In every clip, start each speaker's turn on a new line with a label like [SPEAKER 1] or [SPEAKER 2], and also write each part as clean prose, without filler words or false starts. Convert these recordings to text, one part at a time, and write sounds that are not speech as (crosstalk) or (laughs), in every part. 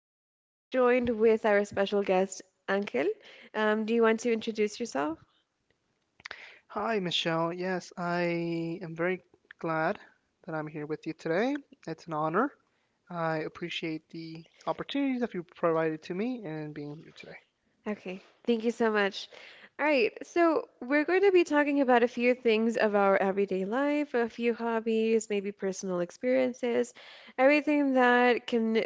[SPEAKER 1] I'm joined with our special guest, Ankel. Do you want to introduce yourself?
[SPEAKER 2] Hi, Michelle. Yes, I am very glad that I'm here with you today. It's an honor. I appreciate the opportunities that you provided to me and being here today.
[SPEAKER 1] Okay, thank you so much. All right, so we're going to be talking about a few things of our everyday life, a few hobbies, maybe personal experiences, everything that can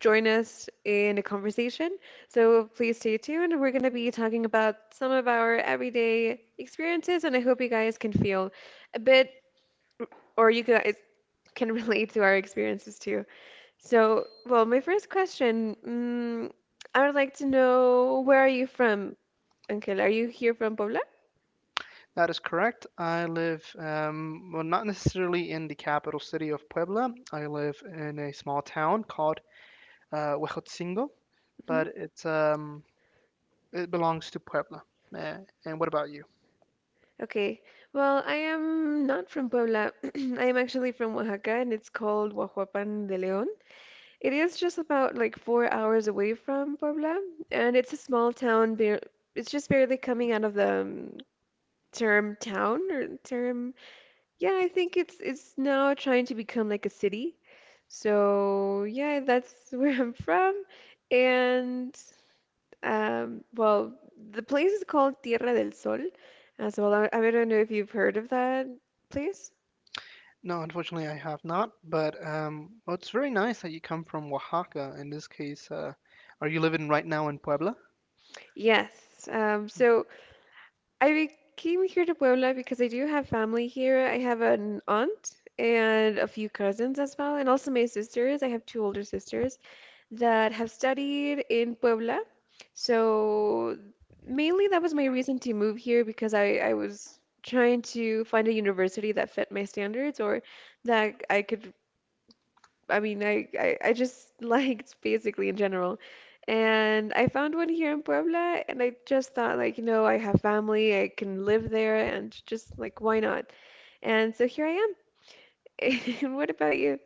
[SPEAKER 1] join us in a conversation. So please stay tuned. We're going to be talking about some of our everyday experiences, and I hope you guys can feel a bit, or you guys can (laughs) relate to our experiences too. So, well, my first question, I would like to know, where are you from? Angel, are you here from Puebla?
[SPEAKER 2] That is correct. I live, well, not necessarily in the capital city of Puebla. I live in a small town called Huejotzingo,
[SPEAKER 1] Hmm.
[SPEAKER 2] but it belongs to Puebla. Uh, and what about you?
[SPEAKER 1] Okay. Well, I am not from Puebla. (clears throat) I am actually from Oaxaca, and it's called Huajuapan de León. It is just about like 4 hours away from Puebla, and it's a small town. Bare It's just barely coming out of the term town or term. Yeah, I think it's now trying to become like a city. So yeah, that's (laughs) where I'm from, and. Well, the place is called Tierra del Sol as well. I don't know if you've heard of that place.
[SPEAKER 2] No, unfortunately, I have not. But well, it's very nice that you come from Oaxaca. In this case, are you living right now in Puebla?
[SPEAKER 1] Yes. So I came here to Puebla because I do have family here. I have an aunt and a few cousins as well, and also my sisters. I have two older sisters that have studied in Puebla. So mainly that was my reason to move here because I was trying to find a university that fit my standards or that I could, I mean, I just (laughs) liked basically in general. And I found one here in Puebla, and I just thought, like, you know, I have family, I can live there, and just like, why not? And so here I am. (laughs) And what about you?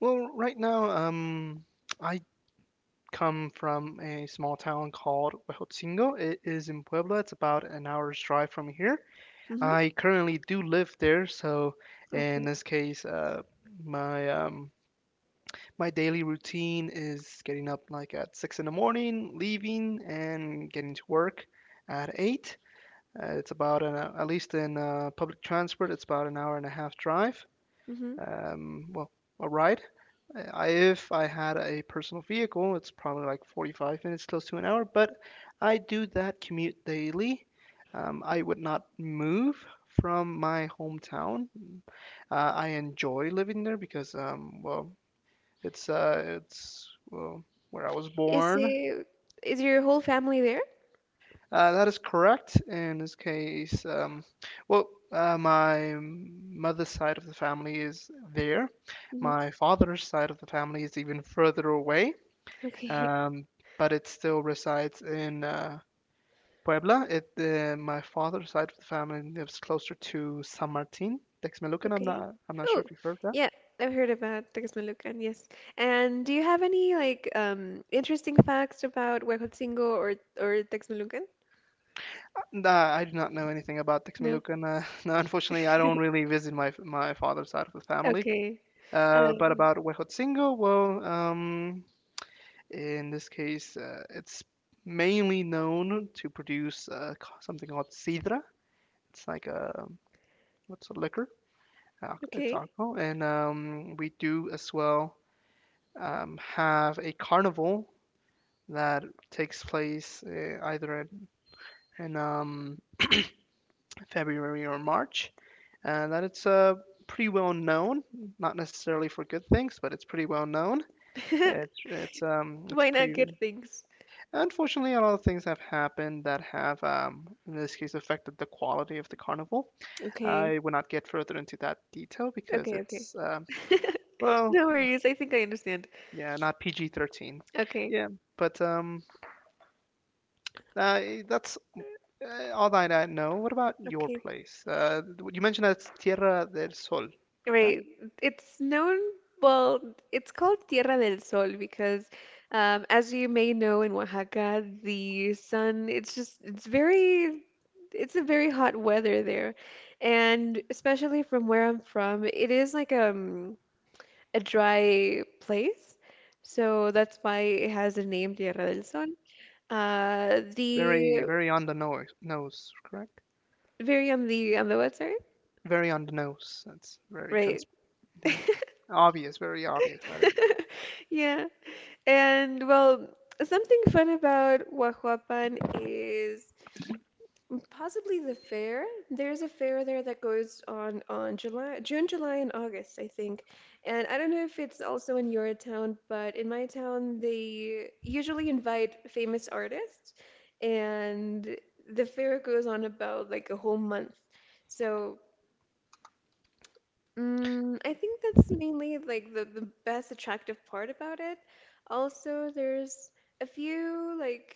[SPEAKER 2] Well, right now, I come from a small town called Huejotzingo. It is in Puebla. It's about an hour's drive from here.
[SPEAKER 1] Hmm.
[SPEAKER 2] I currently do live there, so in
[SPEAKER 1] Okay.
[SPEAKER 2] this case, my um, my daily routine is getting up like at 6 in the morning, leaving, and getting to work at 8. It's about at least in public transport, it's about an hour and a half drive.
[SPEAKER 1] Hmm.
[SPEAKER 2] Well, a ride. If I had a personal vehicle, it's probably like 45 minutes, close to an hour. But I do that commute daily. I would not move from my hometown. I enjoy living there because, well, it's well where I was
[SPEAKER 1] Is
[SPEAKER 2] born.
[SPEAKER 1] it, is your whole family there?
[SPEAKER 2] That is correct. In this case, well, my mother's side of the family is there.
[SPEAKER 1] Hmm.
[SPEAKER 2] My father's side of the family is even further away,
[SPEAKER 1] Okay. (laughs)
[SPEAKER 2] um, but it still resides in Puebla. My father's side of the family lives closer to San Martin Texmelucan.
[SPEAKER 1] Okay.
[SPEAKER 2] I'm not sure
[SPEAKER 1] Oh,
[SPEAKER 2] if you heard that.
[SPEAKER 1] yeah, I've heard about Texmelucan, yes. And do you have any like interesting facts about Huejotzingo or Texmelucan?
[SPEAKER 2] Nah, I do not know anything about
[SPEAKER 1] No.
[SPEAKER 2] Texmelucan. (laughs) No, unfortunately, I don't really visit my father's side of the family.
[SPEAKER 1] Okay.
[SPEAKER 2] But
[SPEAKER 1] Um,
[SPEAKER 2] about Huejotzingo, in this case, it's mainly known to produce something called sidra. It's like a, what's a liquor? It's
[SPEAKER 1] okay.
[SPEAKER 2] alcohol, and we do as well have a carnival that takes place either in (clears throat) February or March, and that it's pretty well known. Not necessarily for good things, but it's pretty well known.
[SPEAKER 1] (laughs)
[SPEAKER 2] It's
[SPEAKER 1] Why not
[SPEAKER 2] pretty.
[SPEAKER 1] good things?
[SPEAKER 2] Unfortunately, a lot of things have happened that have, in this case, affected the quality of the carnival.
[SPEAKER 1] Okay.
[SPEAKER 2] I will not get further into that detail because
[SPEAKER 1] Okay, okay.
[SPEAKER 2] it's,
[SPEAKER 1] (laughs)
[SPEAKER 2] well,
[SPEAKER 1] No worries. I think I understand.
[SPEAKER 2] yeah, not PG-13.
[SPEAKER 1] Okay.
[SPEAKER 2] Yeah, but uh, that's all that I know. What about your
[SPEAKER 1] Okay.
[SPEAKER 2] place? You mentioned that it's Tierra del Sol, correct?
[SPEAKER 1] Right. It's known, well, it's called Tierra del Sol because, as you may know, in Oaxaca, the sun, it's just, it's very, it's a very hot weather there. And especially from where I'm from, it is like, a dry place. So that's why it has a name, Tierra del Sol.
[SPEAKER 2] Very,
[SPEAKER 1] The
[SPEAKER 2] very on the nose, correct?
[SPEAKER 1] very on the website,
[SPEAKER 2] Very on the nose. That's very
[SPEAKER 1] right?
[SPEAKER 2] mhm. obvious, very obvious that
[SPEAKER 1] (laughs) Yeah. And well, something fun about Huajuapan is possibly the fair. There's a fair there that goes on July, June, July, and August, I think. And I don't know if it's also in your town, but in my town, they usually invite famous artists, and the fair goes on about like a whole month. So I think that's mainly like the best attractive part about it. Also, there's a few like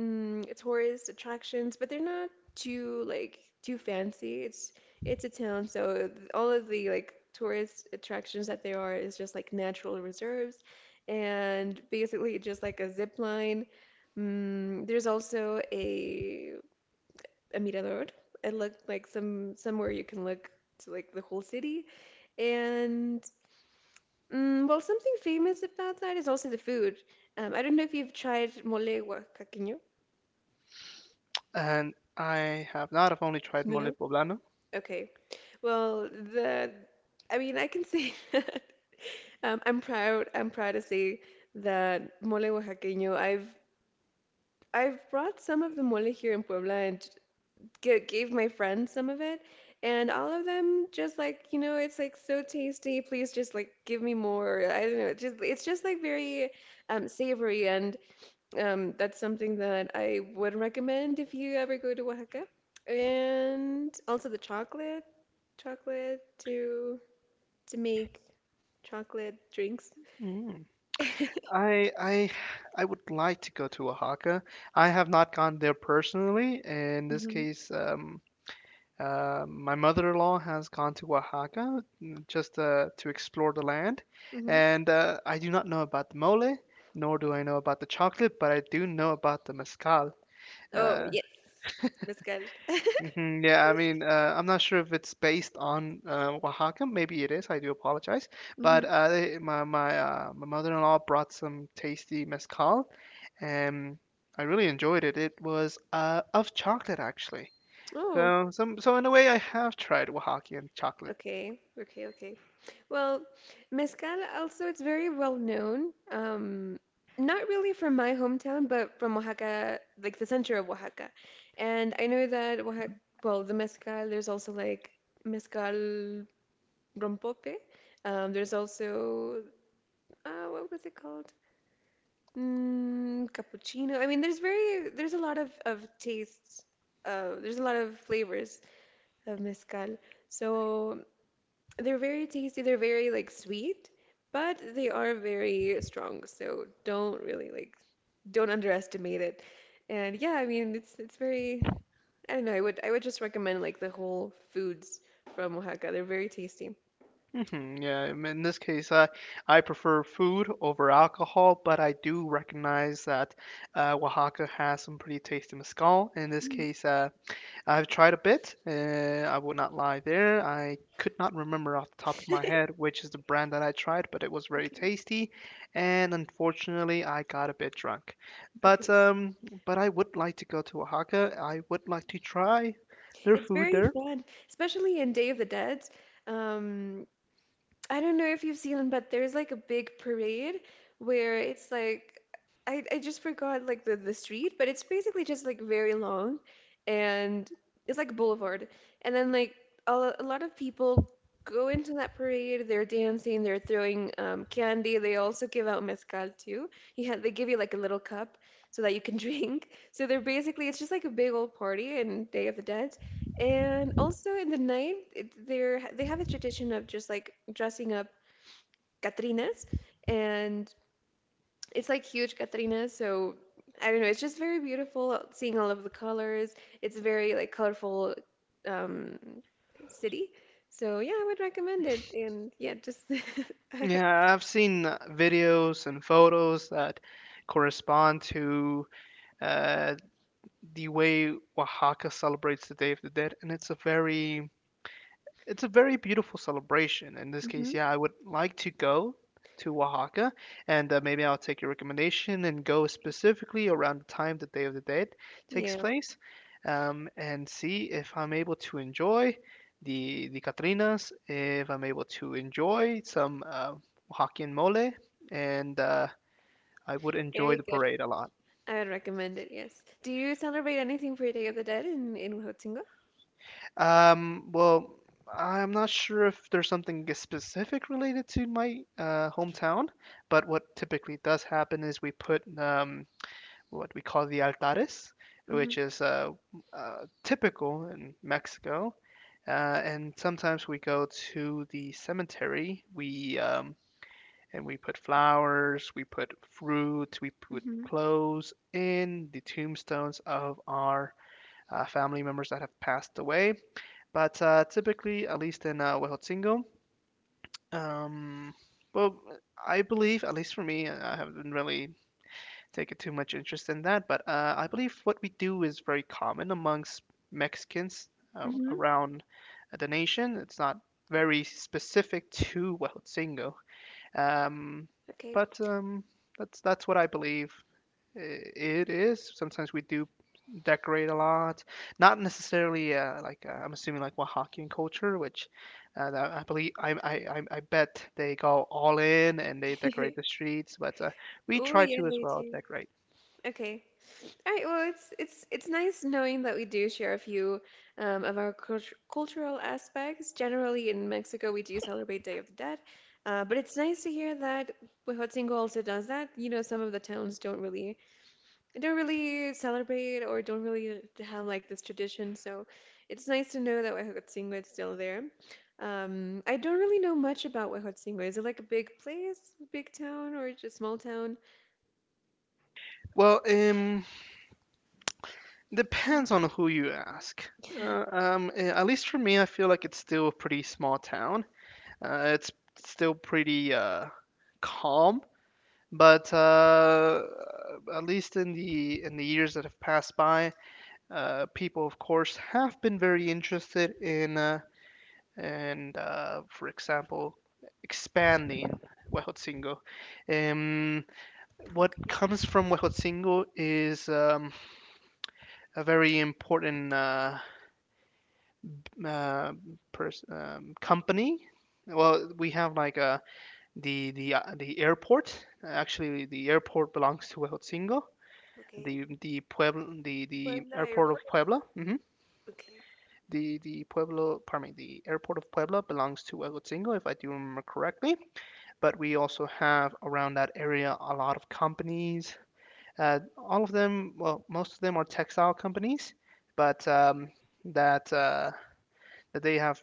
[SPEAKER 1] tourist attractions, but they're not too like too fancy. It's a town, so all of the like tourist attractions that there are is just like natural reserves, and basically just like a zip line. There's also a mirador. It looked like somewhere you can look to like the whole city. And well, something famous about that is also the food. I don't know if you've tried mole oaxaqueño.
[SPEAKER 2] and I have not. I've only tried mole
[SPEAKER 1] No.
[SPEAKER 2] poblano.
[SPEAKER 1] Okay. Well, the I mean, I can say (laughs) that I'm proud. I'm proud to say that mole oaxaqueño. I've brought some of the mole here in Puebla and gave my friends some of it, and all of them just like, it's like so tasty. Please just like give me more. I don't know. It's just like very savory, and that's something that I would recommend if you ever go to Oaxaca. And also the chocolate, chocolate to make chocolate drinks.
[SPEAKER 2] Mm. I I I would like to go to Oaxaca. I have not gone there personally. In this
[SPEAKER 1] Hmm.
[SPEAKER 2] case, my mother-in-law has gone to Oaxaca, just to explore the land,
[SPEAKER 1] Hmm.
[SPEAKER 2] and I do not know about the mole, nor do I know about the chocolate, but I do know about the mezcal.
[SPEAKER 1] Oh
[SPEAKER 2] Uh,
[SPEAKER 1] yes, mezcal.
[SPEAKER 2] Yeah, I mean, I'm not sure if it's based on Oaxaca. Maybe it is. I do apologize.
[SPEAKER 1] (laughs)
[SPEAKER 2] But
[SPEAKER 1] Hmm.
[SPEAKER 2] they, my my mother-in-law brought some tasty mezcal, and I really enjoyed it. It was of chocolate actually.
[SPEAKER 1] Oh.
[SPEAKER 2] So, some so in a way, I have tried Oaxacan chocolate.
[SPEAKER 1] Okay, okay, okay. Well, mezcal also it's very well known. Not really from my hometown, but from Oaxaca, like the center of Oaxaca. And I know that Oaxaca, well, the mezcal, there's also like mezcal rompope. There's also what was it called? Cappuccino. I mean, there's a lot of tastes. There's a lot of flavors of mezcal. So they're very tasty, they're very like sweet, but they are very strong, so don't really like don't underestimate it. And yeah, I mean it's very, I don't know, I would just recommend like the whole foods from Oaxaca. They're very tasty.
[SPEAKER 2] Yeah, I mean, in this case, I prefer food over alcohol, but I do recognize that Oaxaca has some pretty tasty mezcal. In this
[SPEAKER 1] Mhm.
[SPEAKER 2] case, I've tried a bit. I would not lie there. I could not remember off the top of my head
[SPEAKER 1] (laughs)
[SPEAKER 2] which is the brand that I tried, but it was very
[SPEAKER 1] Okay.
[SPEAKER 2] tasty, and unfortunately, I got a bit drunk. But
[SPEAKER 1] Okay.
[SPEAKER 2] I would like to go to Oaxaca. I would like to try their
[SPEAKER 1] It's
[SPEAKER 2] food
[SPEAKER 1] very
[SPEAKER 2] there.
[SPEAKER 1] fun, especially in Day of the Dead. Um, I don't know if you've seen them, but there's like a big parade where it's like I just forgot like the street, but it's basically just like very long and it's like a boulevard. And then like a lot of people go into that parade, they're dancing, they're throwing candy. They also give out mezcal too. You have, they give you like a little cup so that you can (laughs) drink. So they're basically, it's just like a big old party in Day of the Dead. And also in the night, it, they're they have a tradition of just like dressing up Catrinas, and it's like huge Catrinas. So I don't know, it's just very beautiful seeing all of the colors. It's a very like colorful um, city. So yeah, I would recommend it. And yeah, just (laughs)
[SPEAKER 2] Yeah, I've seen videos and photos that correspond to uh, the way Oaxaca celebrates the Day of the Dead, and it's a very beautiful celebration. In this case,
[SPEAKER 1] Mhm.
[SPEAKER 2] yeah, I would like to go to Oaxaca, and maybe I'll take your recommendation and go specifically around the time the Day of the Dead takes
[SPEAKER 1] Yeah,
[SPEAKER 2] place, and see if I'm able to enjoy the Catrinas, if I'm able to enjoy some Oaxacan mole, and I would enjoy
[SPEAKER 1] very
[SPEAKER 2] the
[SPEAKER 1] good.
[SPEAKER 2] parade a lot.
[SPEAKER 1] I would recommend it. Yes. Do you celebrate anything for Day of the Dead in Huatzingo?
[SPEAKER 2] Well, I'm not sure if there's something specific related to my hometown, but what typically does happen is we put what we call the altares,
[SPEAKER 1] Mm-hmm.
[SPEAKER 2] which is typical in Mexico. And sometimes we go to the cemetery. We and we put flowers, we put fruit, we put
[SPEAKER 1] Mm-hmm.
[SPEAKER 2] clothes in the tombstones of our family members that have passed away. But typically, at least in Huejotzingo, um, well, I believe, at least for me, I haven't really taken too much interest in that, but I believe what we do is very common amongst Mexicans
[SPEAKER 1] Mm-hmm.
[SPEAKER 2] around the nation. It's not very specific to Huejotzingo. Um,
[SPEAKER 1] Okay.
[SPEAKER 2] but that's what I believe it is. Sometimes we do decorate a lot, not necessarily like I'm assuming like Oaxacan culture, which that I believe I bet they go all in and they decorate the
[SPEAKER 1] (laughs)
[SPEAKER 2] streets, but we
[SPEAKER 1] Oh
[SPEAKER 2] try
[SPEAKER 1] yeah,
[SPEAKER 2] to as
[SPEAKER 1] they
[SPEAKER 2] well
[SPEAKER 1] do.
[SPEAKER 2] decorate.
[SPEAKER 1] Okay. All right. Well, it's nice knowing that we do share a few of our cultural aspects. Generally, in Mexico, we do celebrate Day of the Dead, but it's nice to hear that Huejotzingo also does that. You know, some of the towns don't really celebrate or don't really have like this tradition. So it's nice to know that Huejotzingo is still there. I don't really know much about Huejotzingo. Is it like a big place, big town, or just small town?
[SPEAKER 2] Well, depends on who you ask. At least for me, I feel like it's still a pretty small town. It's still pretty calm. But at least in the years that have passed by, people of course have been very interested in, and for example, expanding Huejotzingo. Um, what
[SPEAKER 1] Okay.
[SPEAKER 2] comes from Huejotzingo is a very important, uh, company. Well, we have like the airport. Actually, the airport belongs to Huejotzingo,
[SPEAKER 1] Okay.
[SPEAKER 2] the Puebla, the
[SPEAKER 1] Puebla
[SPEAKER 2] airport
[SPEAKER 1] Airport.
[SPEAKER 2] of Puebla.
[SPEAKER 1] Okay.
[SPEAKER 2] The Pueblo, pardon me, the airport of Puebla belongs to Huegotzingo, if I do remember correctly. But we also have around that area a lot of companies. All of them, well, most of them, are textile companies, but that that they have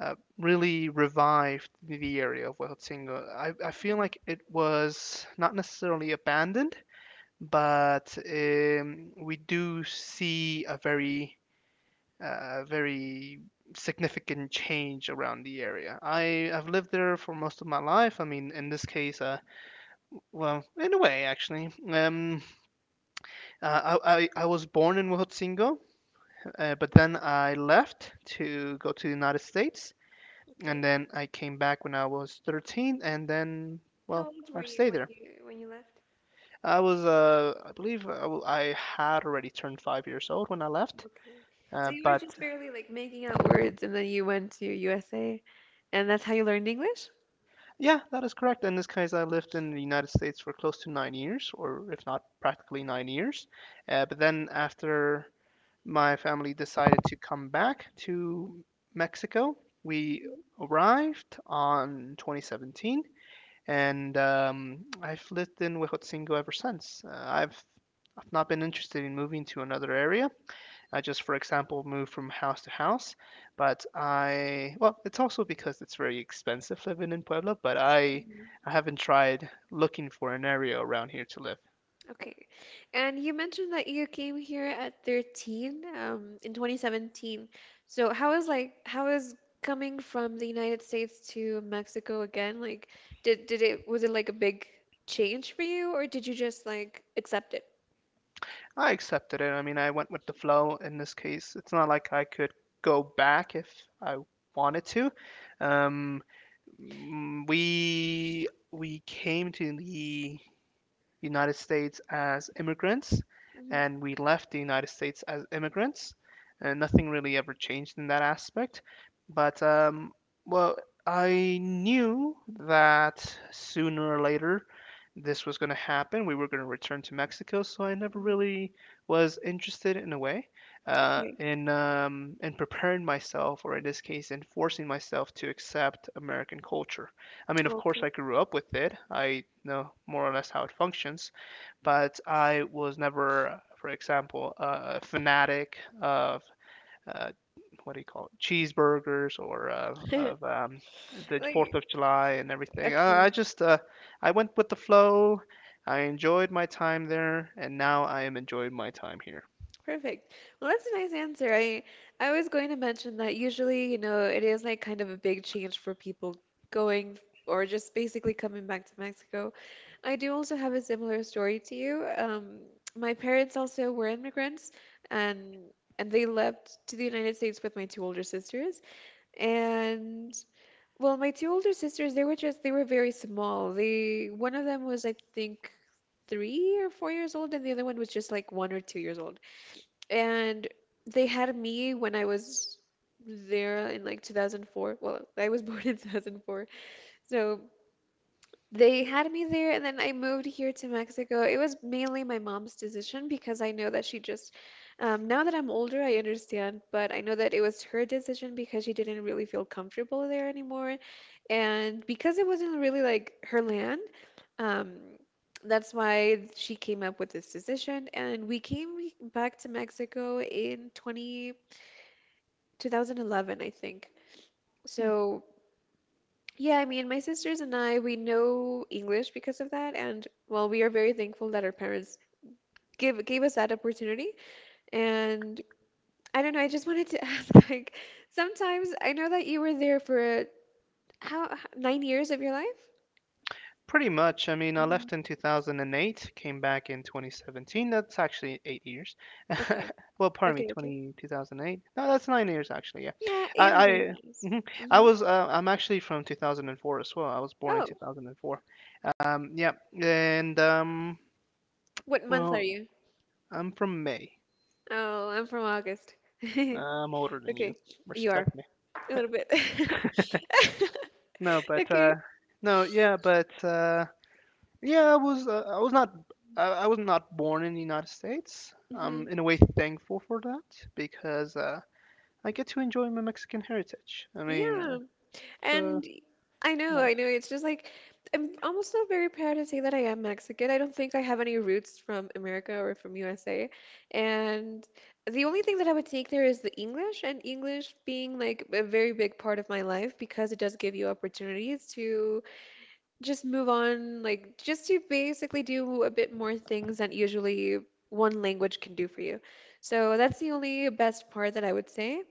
[SPEAKER 2] really revived the area of Huejotzingo. I feel
[SPEAKER 1] Mm,
[SPEAKER 2] like it was not necessarily abandoned, but we do see a very, very significant change around the area. I have lived there for most of my life. I mean, in this case, well, in a way, actually, I was born in Huejotzingo, but then I left to go to the United States, and
[SPEAKER 1] Okay.
[SPEAKER 2] then I came back when I was 13, and then,
[SPEAKER 1] How
[SPEAKER 2] well,
[SPEAKER 1] old were
[SPEAKER 2] I've
[SPEAKER 1] you
[SPEAKER 2] stayed there.
[SPEAKER 1] when you left?
[SPEAKER 2] I was, I believe, I had already turned 5 years old when I left.
[SPEAKER 1] Okay. So you were
[SPEAKER 2] But
[SPEAKER 1] just barely like making out words and then you went to USA and that's how you learned English?
[SPEAKER 2] Yeah, that is correct. In this case, I lived in the United States for close to 9 years, or if not practically 9 years. But then after my family decided to come back to Mexico, we arrived on 2017, and I've lived in Huejotzingo ever since. I've not been interested in moving to another area. I just, for example, move from house to house. But, well, it's also because it's very expensive living in Puebla, but,
[SPEAKER 1] Mhm.
[SPEAKER 2] I haven't tried looking for an area around here to live.
[SPEAKER 1] Okay. And you mentioned that you came here at 13, in 2017. So how is coming from the United States to Mexico again? Like did it was it like a big change for you or did you just like accept it?
[SPEAKER 2] I accepted it. I mean, I went with the flow in this case. It's not like I could go back if I wanted to. Um, mm, we we came to the United States as immigrants,
[SPEAKER 1] Hmm.
[SPEAKER 2] and we left the United States as immigrants, and nothing really ever changed in that aspect. But well, I knew that sooner or later this was going to happen. We were going to return to Mexico, so I never
[SPEAKER 1] Hmm.
[SPEAKER 2] really was interested in a way,
[SPEAKER 1] Okay.
[SPEAKER 2] in preparing myself, or in this case, in forcing myself to accept American culture. I mean, of course, I
[SPEAKER 1] Okay.
[SPEAKER 2] grew up with it. I know more or less how it functions, but I was never, for example, a fanatic of uh, what do you call it, cheeseburgers, or of
[SPEAKER 1] (laughs)
[SPEAKER 2] the Fourth
[SPEAKER 1] Like
[SPEAKER 2] of July and everything. I
[SPEAKER 1] okay.
[SPEAKER 2] just I went with the flow. I enjoyed my time there, and now I am enjoying my time here.
[SPEAKER 1] Perfect. Well, that's a nice answer. I was going to mention that usually, it is like kind of a big change for people going or just basically coming back to Mexico. I do also have a similar story to you. My parents also were immigrants and and they left to the United States with my two older sisters. And well, my two older sisters, they were very small. They One of them was, I think, 3 or 4 years old, and the other one was just like 1 or 2 years old. And they had me when I was there in like 2004. Well, I was (laughs) born in 2004. So they had me there, and then I moved here to Mexico. It was mainly my mom's decision because I know that now that I'm older, I understand, but I know that it was her decision because she didn't really feel comfortable there anymore. And because it wasn't really like her land, um, that's why she came up with this decision. And we came back to Mexico in 2011, I think. So. Yeah, I mean, my sisters and I, we know English because of that, and well, we are very thankful that our parents give gave us that opportunity. And I don't know, I just wanted to (laughs) ask, like, sometimes I know that you were there for 9 years of your life?
[SPEAKER 2] Pretty much. I mean, I
[SPEAKER 1] Hmm.
[SPEAKER 2] left in 2008, came back in 2017. That's actually 8 years.
[SPEAKER 1] Okay,
[SPEAKER 2] (laughs) Well, pardon me,
[SPEAKER 1] okay, okay.
[SPEAKER 2] 20 2008. No, that's 9 years actually. Yeah,
[SPEAKER 1] Yeah,
[SPEAKER 2] I,
[SPEAKER 1] eight or nine
[SPEAKER 2] I,
[SPEAKER 1] years.
[SPEAKER 2] mhm. I
[SPEAKER 1] Hmm.
[SPEAKER 2] was. I'm actually from 2004 as well. I was born in
[SPEAKER 1] Oh,
[SPEAKER 2] 2004. Yeah, and
[SPEAKER 1] what month are
[SPEAKER 2] well,
[SPEAKER 1] you?
[SPEAKER 2] I'm from May.
[SPEAKER 1] Oh, I'm from August. (laughs)
[SPEAKER 2] Uh, I'm older than you.
[SPEAKER 1] Okay, you are
[SPEAKER 2] Respect me.
[SPEAKER 1] a little bit. (laughs)
[SPEAKER 2] No, but
[SPEAKER 1] Okay.
[SPEAKER 2] no, yeah, but yeah, I was. I was not. I was not born in the United States. I'm
[SPEAKER 1] Hmm.
[SPEAKER 2] in a way thankful for that because I get to enjoy my Mexican heritage.
[SPEAKER 1] Yeah.
[SPEAKER 2] It's
[SPEAKER 1] And I know, I know.
[SPEAKER 2] nice.
[SPEAKER 1] It's just like I'm almost not very proud to say that I am Mexican. I don't think I have any roots from America or from USA. And the only thing that I would take there is the English, and English being like a very big part of my life because it does give you opportunities to just move on, like just to basically do a bit more things than usually one language can do for you. So that's the only best part that I would say.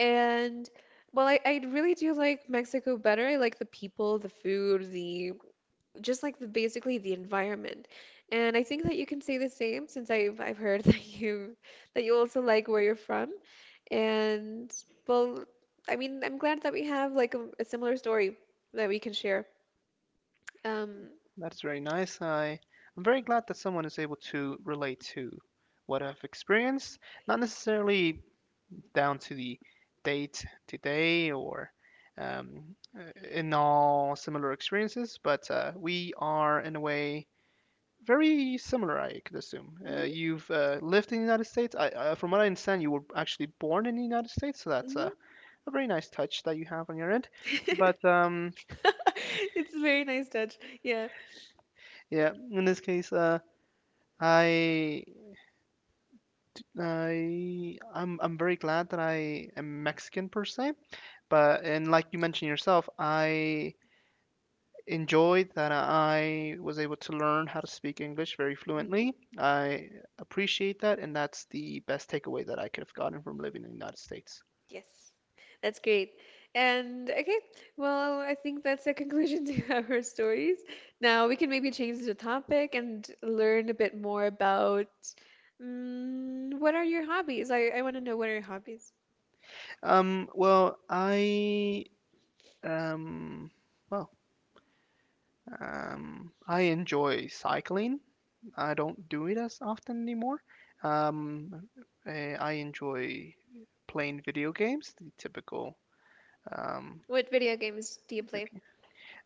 [SPEAKER 1] And well, I really do like Mexico better. I like the people, the food, the just like the basically the environment. And I think that you can say the same since I've heard (laughs) that you also like where you're from. And well, I mean, I'm glad that we have like a similar story that we can share. Um,
[SPEAKER 2] That's very nice. I'm very glad that someone is able to relate to what I've experienced, not necessarily down to the date today or in all similar experiences, but we are in a way very similar, I could assume. Uh,
[SPEAKER 1] mhm,
[SPEAKER 2] you've uh, lived in the United States. From what I understand, you were actually born in the United States, so that's a very nice touch that you have on your end.
[SPEAKER 1] mhm.
[SPEAKER 2] But
[SPEAKER 1] (laughs) It's a very nice touch. Yeah.
[SPEAKER 2] yeah, in this case, I I'm very glad that I am Mexican per se. But and like you mentioned yourself, I enjoyed that I was able to learn how to speak English very
[SPEAKER 1] Mm-hmm.
[SPEAKER 2] fluently. I appreciate that, and that's the best takeaway that I could have gotten from living in the United States.
[SPEAKER 1] Yes, that's great. And okay, well, I think that's a conclusion (laughs) to our stories. Now we can maybe change the topic and learn a bit more about what are your hobbies? I want to know what are your hobbies?
[SPEAKER 2] Um, well, I um, well, I enjoy cycling. I don't do it as often anymore. Um, I enjoy playing video games, the typical um,
[SPEAKER 1] What video games do you
[SPEAKER 2] video
[SPEAKER 1] play?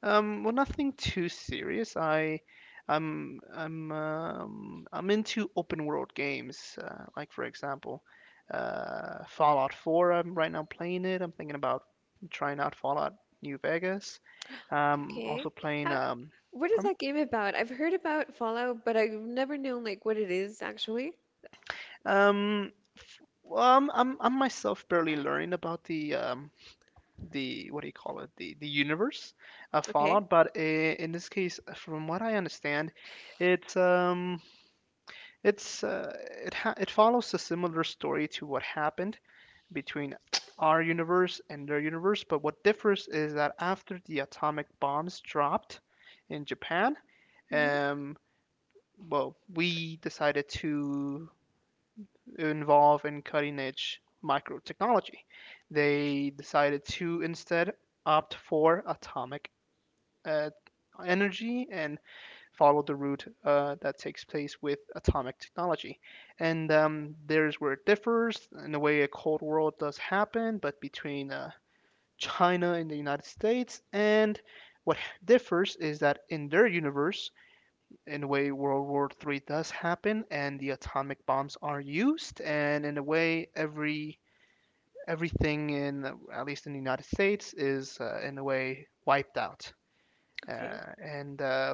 [SPEAKER 2] Well, nothing too serious. I'm into open world games. Like for example, Fallout 4. I'm right now playing it. I'm thinking about trying out Fallout New Vegas. Also
[SPEAKER 1] Okay.
[SPEAKER 2] playing.
[SPEAKER 1] How, what is
[SPEAKER 2] Pardon
[SPEAKER 1] that game about? I've heard about Fallout, but I've never known like what it is actually.
[SPEAKER 2] me. Well, I'm myself barely learning about the what do you call it? The universe of
[SPEAKER 1] Okay.
[SPEAKER 2] Fallout. But in this case, from what I understand, it's um It's uh, it follows a similar story to what happened between our universe and their universe, but what differs is that after the atomic bombs dropped in Japan,
[SPEAKER 1] Mm-hmm.
[SPEAKER 2] um, well, we decided to involve in cutting edge micro technology. They decided to instead opt for atomic uh, energy and follow the route that takes place with atomic technology. And There's where it differs. In a way, a Cold War does happen, but between China and the United States. And what differs is that in their universe, in a way, World War III does happen, and the atomic bombs are used. And in a way, everything in at least in the United States is in a way wiped out.
[SPEAKER 1] Okay.
[SPEAKER 2] And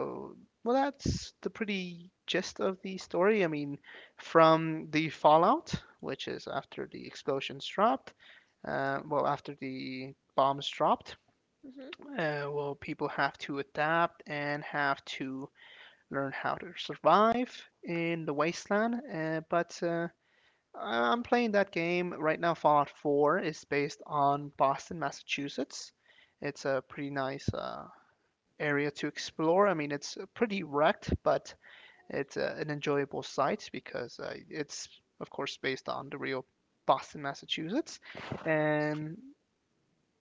[SPEAKER 2] well, that's the pretty gist of the story. I mean, from the fallout, which is after the explosions dropped, well, after the bombs dropped,
[SPEAKER 1] hmm
[SPEAKER 2] well, people have to adapt and have to learn how to survive in the wasteland. But am playing that game right now. Fallout 4 is based on Boston, Massachusetts. It's a pretty nice area to explore. I mean, it's pretty wrecked, but it's an enjoyable sight because it's, of course, based on the real Boston, Massachusetts, and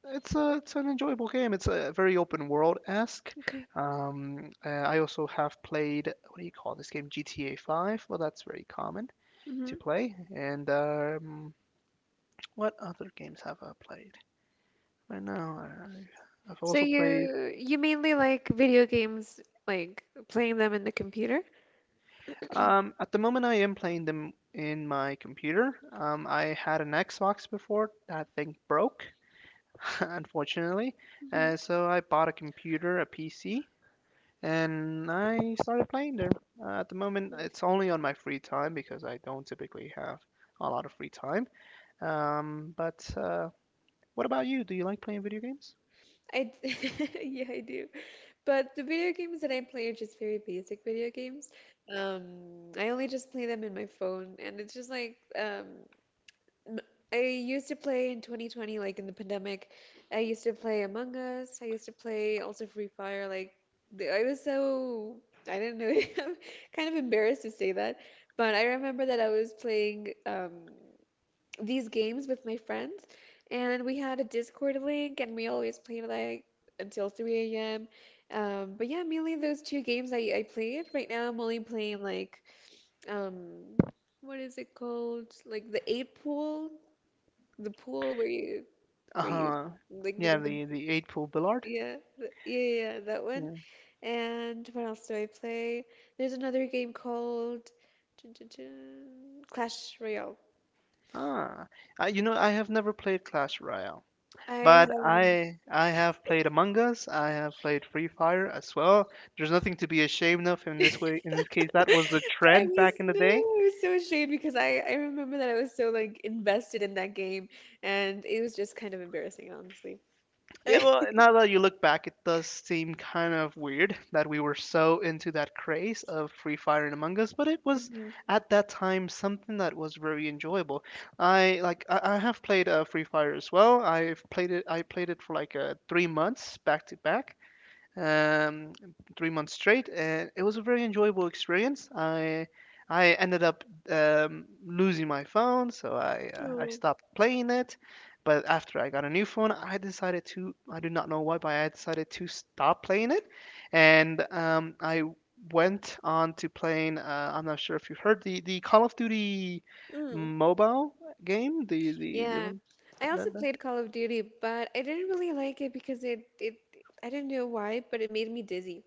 [SPEAKER 2] it's an enjoyable game. It's a very open world esque.
[SPEAKER 1] Okay.
[SPEAKER 2] I also have played what do you call this game? GTA 5. Well, that's very common
[SPEAKER 1] Mm-hmm.
[SPEAKER 2] to play. And What other games have I played? I know I, I've
[SPEAKER 1] So
[SPEAKER 2] also played
[SPEAKER 1] you mainly like video games, like playing them in the computer?
[SPEAKER 2] At the moment, I am playing them in my computer. I had an Xbox before. That thing broke, (laughs) unfortunately.
[SPEAKER 1] Hmm
[SPEAKER 2] So I bought a computer, a PC, and I started playing there. At the moment,
[SPEAKER 1] Yes.
[SPEAKER 2] it's only on my free time because I don't typically have a lot of free time. But What about you? Do you like playing video games?
[SPEAKER 1] I d- (laughs) yeah, I do. But the video games that I play are just very basic video games. Um, I only just play them in my phone, and it's just like M- I used to play in 2020, like in the pandemic. I used to play Among Us. I used to play also Free Fire. Like I was so I didn't know. (laughs) I'm kind of embarrassed to say that, but I remember that I was playing these games with my friends, and we had a Discord link, and we always played like until 3 a.m. But yeah, mainly those two games I played. Right now, I'm only playing like um, what is it called? Like the eight pool the pool where you
[SPEAKER 2] Uh-huh.
[SPEAKER 1] like the,
[SPEAKER 2] Yeah, the
[SPEAKER 1] the
[SPEAKER 2] the eight pool Billard.
[SPEAKER 1] yeah yeah yeah, that one.
[SPEAKER 2] Yeah.
[SPEAKER 1] And what else do I play? There's another game called dun, dun, dun, Clash Royale.
[SPEAKER 2] Ah, you know, I have never played Clash Royale.
[SPEAKER 1] I
[SPEAKER 2] But
[SPEAKER 1] haven't.
[SPEAKER 2] I have played Among Us. I have played Free Fire as well. There's nothing to be ashamed of in this way. In this case,
[SPEAKER 1] (laughs)
[SPEAKER 2] that was the
[SPEAKER 1] I
[SPEAKER 2] trend
[SPEAKER 1] was
[SPEAKER 2] back in the
[SPEAKER 1] no,
[SPEAKER 2] day.
[SPEAKER 1] I was so ashamed because I remember that I was so like invested in that game, and it was just kind of embarrassing, honestly.
[SPEAKER 2] And
[SPEAKER 1] (laughs)
[SPEAKER 2] well, now that you look back, it does seem kind of weird that we were so into that craze of Free Fire and Among Us. But it was
[SPEAKER 1] Mhm.
[SPEAKER 2] at that time something that was very enjoyable. I have played Free Fire as well. I've played it. I played it for like 3 months back to back, um, 3 months straight, and it was a very enjoyable experience. I ended up losing my phone, so I
[SPEAKER 1] Oh.
[SPEAKER 2] stopped playing it. But after I got a new phone, I decided to. I do not know why, but I decided to stop playing it, and I went on to playing. I'm not sure if you heard the Call of Duty mobile game, the
[SPEAKER 1] Yeah,
[SPEAKER 2] one.
[SPEAKER 1] I
[SPEAKER 2] That
[SPEAKER 1] also played Call of Duty, but I didn't really like it because it I didn't know why, but it made me dizzy.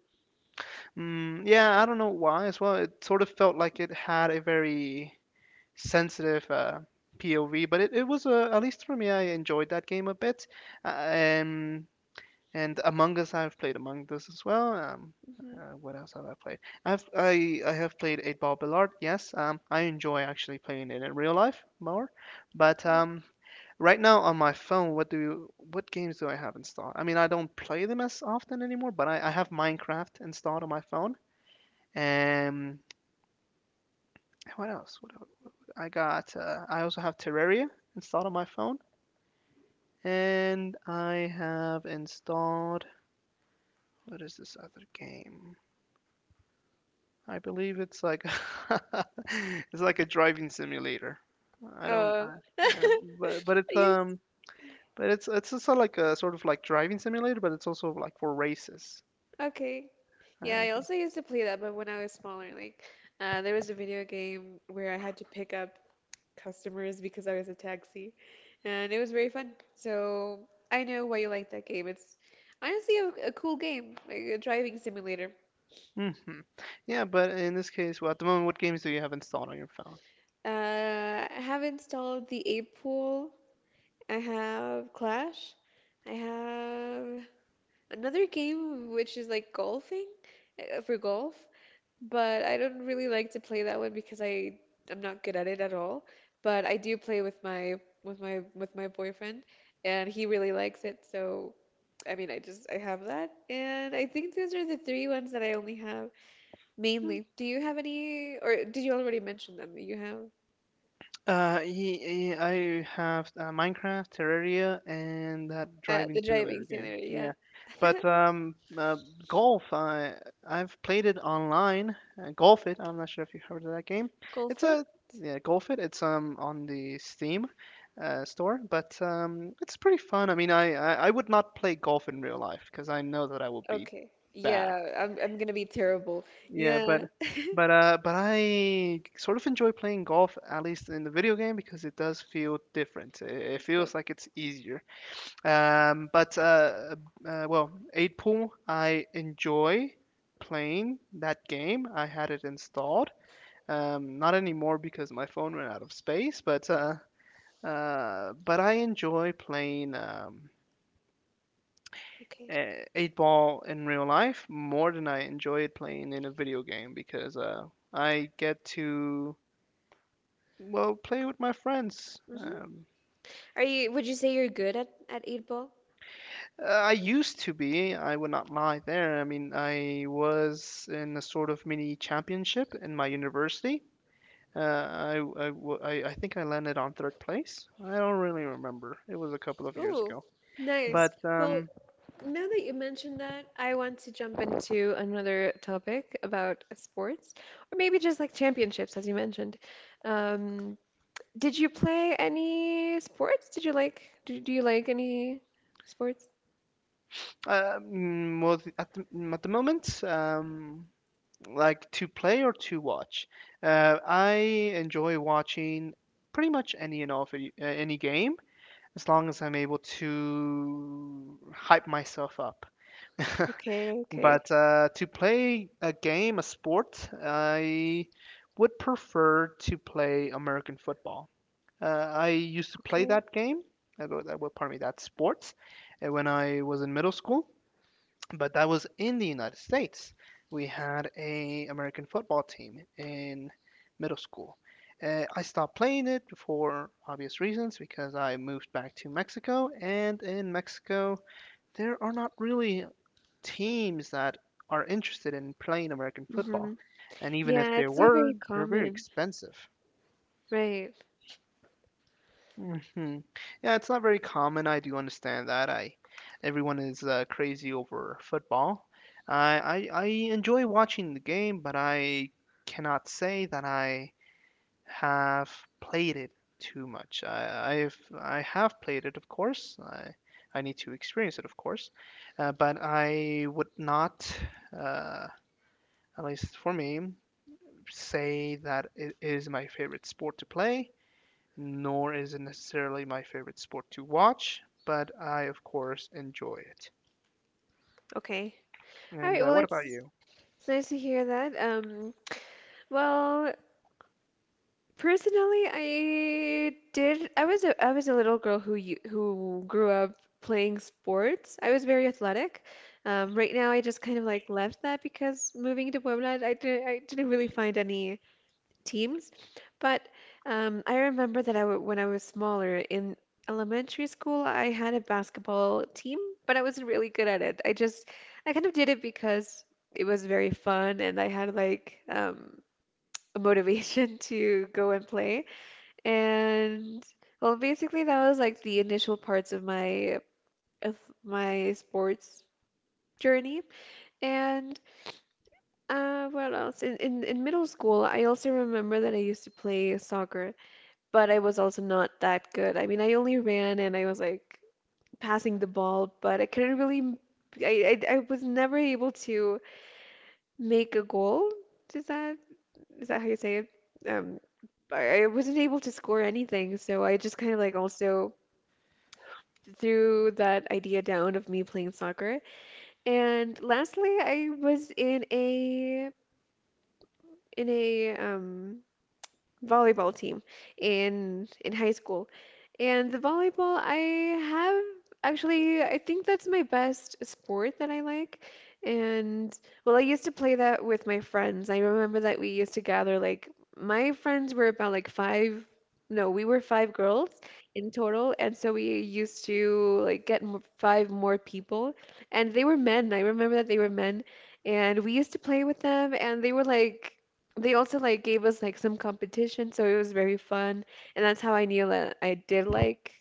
[SPEAKER 2] Mm, yeah, I don't know why as well. It sort of felt like it had a very sensitive POV, but it was at least for me, I enjoyed that game a bit. Uh, and and Among Us, I've played Among Us as well.
[SPEAKER 1] Hmm
[SPEAKER 2] What else have I played? I have played 8 Ball Billard. Yes, I enjoy actually playing it in real life more. But
[SPEAKER 1] Okay.
[SPEAKER 2] right now on my phone, what games do I have installed? I mean, I don't play them as often anymore, but I have Minecraft installed on my phone, um, what else? What I got? I also have Terraria installed on my phone, and I have installed. What is this other game? I believe it's like (laughs) it's like a driving simulator. I don't.
[SPEAKER 1] Oh.
[SPEAKER 2] I,
[SPEAKER 1] (laughs) I
[SPEAKER 2] yeah, but it's
[SPEAKER 1] used
[SPEAKER 2] um. But it's also like a sort of like driving simulator, but it's also like for races.
[SPEAKER 1] okay. Yeah,
[SPEAKER 2] Uh,
[SPEAKER 1] I also used to play that, but when I was smaller, like there was a video game where I had to pick up customers because I was a taxi, and it was very fun. So I know why you like that game. It's honestly a cool game, like a driving simulator.
[SPEAKER 2] hmm. Yeah, but in this case, well, at the moment, what games do you have installed on your phone?
[SPEAKER 1] I have installed the Ape Pool I have Clash. I have another game which is like golfing for golf, but I don't really like to play that one because I'm not good at it at all. But I do play with my boyfriend, and he really likes it. So, I mean, I just I have that, and I think those are the three ones that I only have mainly. Do you have any, or did you already mention them? That You have
[SPEAKER 2] I have Minecraft, Terraria, and that driving
[SPEAKER 1] the
[SPEAKER 2] simulator
[SPEAKER 1] driving
[SPEAKER 2] game.
[SPEAKER 1] simulator,
[SPEAKER 2] Yeah,
[SPEAKER 1] yeah. (laughs)
[SPEAKER 2] but golf. I've played it online. Golf it. I'm not sure if you heard of that game.
[SPEAKER 1] Golf
[SPEAKER 2] It's a
[SPEAKER 1] it?
[SPEAKER 2] yeah, golf it. It's on the Steam store, but it's pretty fun. I would not play golf in real life because I know that I will be
[SPEAKER 1] Okay.
[SPEAKER 2] bad.
[SPEAKER 1] Yeah, I'm gonna be terrible.
[SPEAKER 2] Yeah,
[SPEAKER 1] Yeah. (laughs)
[SPEAKER 2] but I sort of enjoy playing golf at least in the video game because it does feel different. It
[SPEAKER 1] Okay,
[SPEAKER 2] feels like it's easier. But well, eight pool I enjoy playing that game. I had it installed. Not anymore because my phone ran out of space. But I enjoy playing.
[SPEAKER 1] okay.
[SPEAKER 2] Eight ball in real life more than I enjoy it playing in a video game because I get to well play with my friends.
[SPEAKER 1] hmm Are you, would you say you're good at eight ball?
[SPEAKER 2] I used to be. I would not lie there. I mean, I was in a sort of mini championship in my university. Uh, I I think I landed on third place. I don't really remember. It was a couple of years
[SPEAKER 1] Oh,
[SPEAKER 2] ago.
[SPEAKER 1] nice.
[SPEAKER 2] But
[SPEAKER 1] Well,
[SPEAKER 2] um,
[SPEAKER 1] now that you mentioned that, I want to jump into another topic about sports, or maybe just like championships, as you mentioned. Um, did you play any sports? Did you like, do, do you like any sports?
[SPEAKER 2] well, at the moment, like to play or to watch. I enjoy watching pretty much any and all video, any game as long as I'm able to hype myself up. (laughs)
[SPEAKER 1] Okay, okay,
[SPEAKER 2] But to play a game, a sport, I would prefer to play American football. I used to play
[SPEAKER 1] okay.
[SPEAKER 2] that game. Well, well, pardon me, that sport when I was in middle school, but that was in the United States. We had a American football team in middle school. I stopped playing it for obvious reasons because I moved back to Mexico, and in Mexico there are not really teams that are interested in playing American
[SPEAKER 1] hmm
[SPEAKER 2] football. And even if
[SPEAKER 1] Yeah,
[SPEAKER 2] they
[SPEAKER 1] it's not
[SPEAKER 2] were,
[SPEAKER 1] very
[SPEAKER 2] they're very
[SPEAKER 1] common,
[SPEAKER 2] expensive.
[SPEAKER 1] right?
[SPEAKER 2] Hmm. Yeah, it's not very common. I do understand that. I Everyone is crazy over football. I enjoy watching the game, but I cannot say that I have played it too much. I have played it, of course. I need to experience it, of course. But I would not, uh, at least for me, say that it is my favorite sport to play nor is it necessarily my favorite sport to watch, but I, of course, enjoy it.
[SPEAKER 1] Okay. All
[SPEAKER 2] And
[SPEAKER 1] right. Well,
[SPEAKER 2] what about you?
[SPEAKER 1] it's nice to hear that. Well, personally, I did. I was a little girl who you, who grew up playing sports. I was very athletic. Right now, I just kind of like left that because moving to Puebla, I didn't really find any teams. But I remember that I w when I was smaller in elementary school, I had a basketball team, but I wasn't really good at it. I just, I kind of did it because it was very fun and I had like a motivation (laughs) to go and play. And well, basically that was like the initial parts of my sports journey. And what else? In middle school, I also remember that I used to play soccer. But I was also not that good. I mean, I only ran and I was like passing the ball, but I couldn't really. I was never able to make a goal. Is that is that how you say it? Um, I wasn't able to score anything, so I just kind of like also threw that idea down of me playing soccer. And lastly, I was in a volleyball team in high school. And the volleyball, I have actually, I think that's my best sport that I like. And well, I used to play that with my friends. I remember that we used to gather like my friends were about like five, no, we were five girls in total, and so we used to like get m five more people, and they were men. I remember that they were men, and we used to play with them, and they were like they also like gave us like some competition, so it was very fun, and that's how I knew that I did like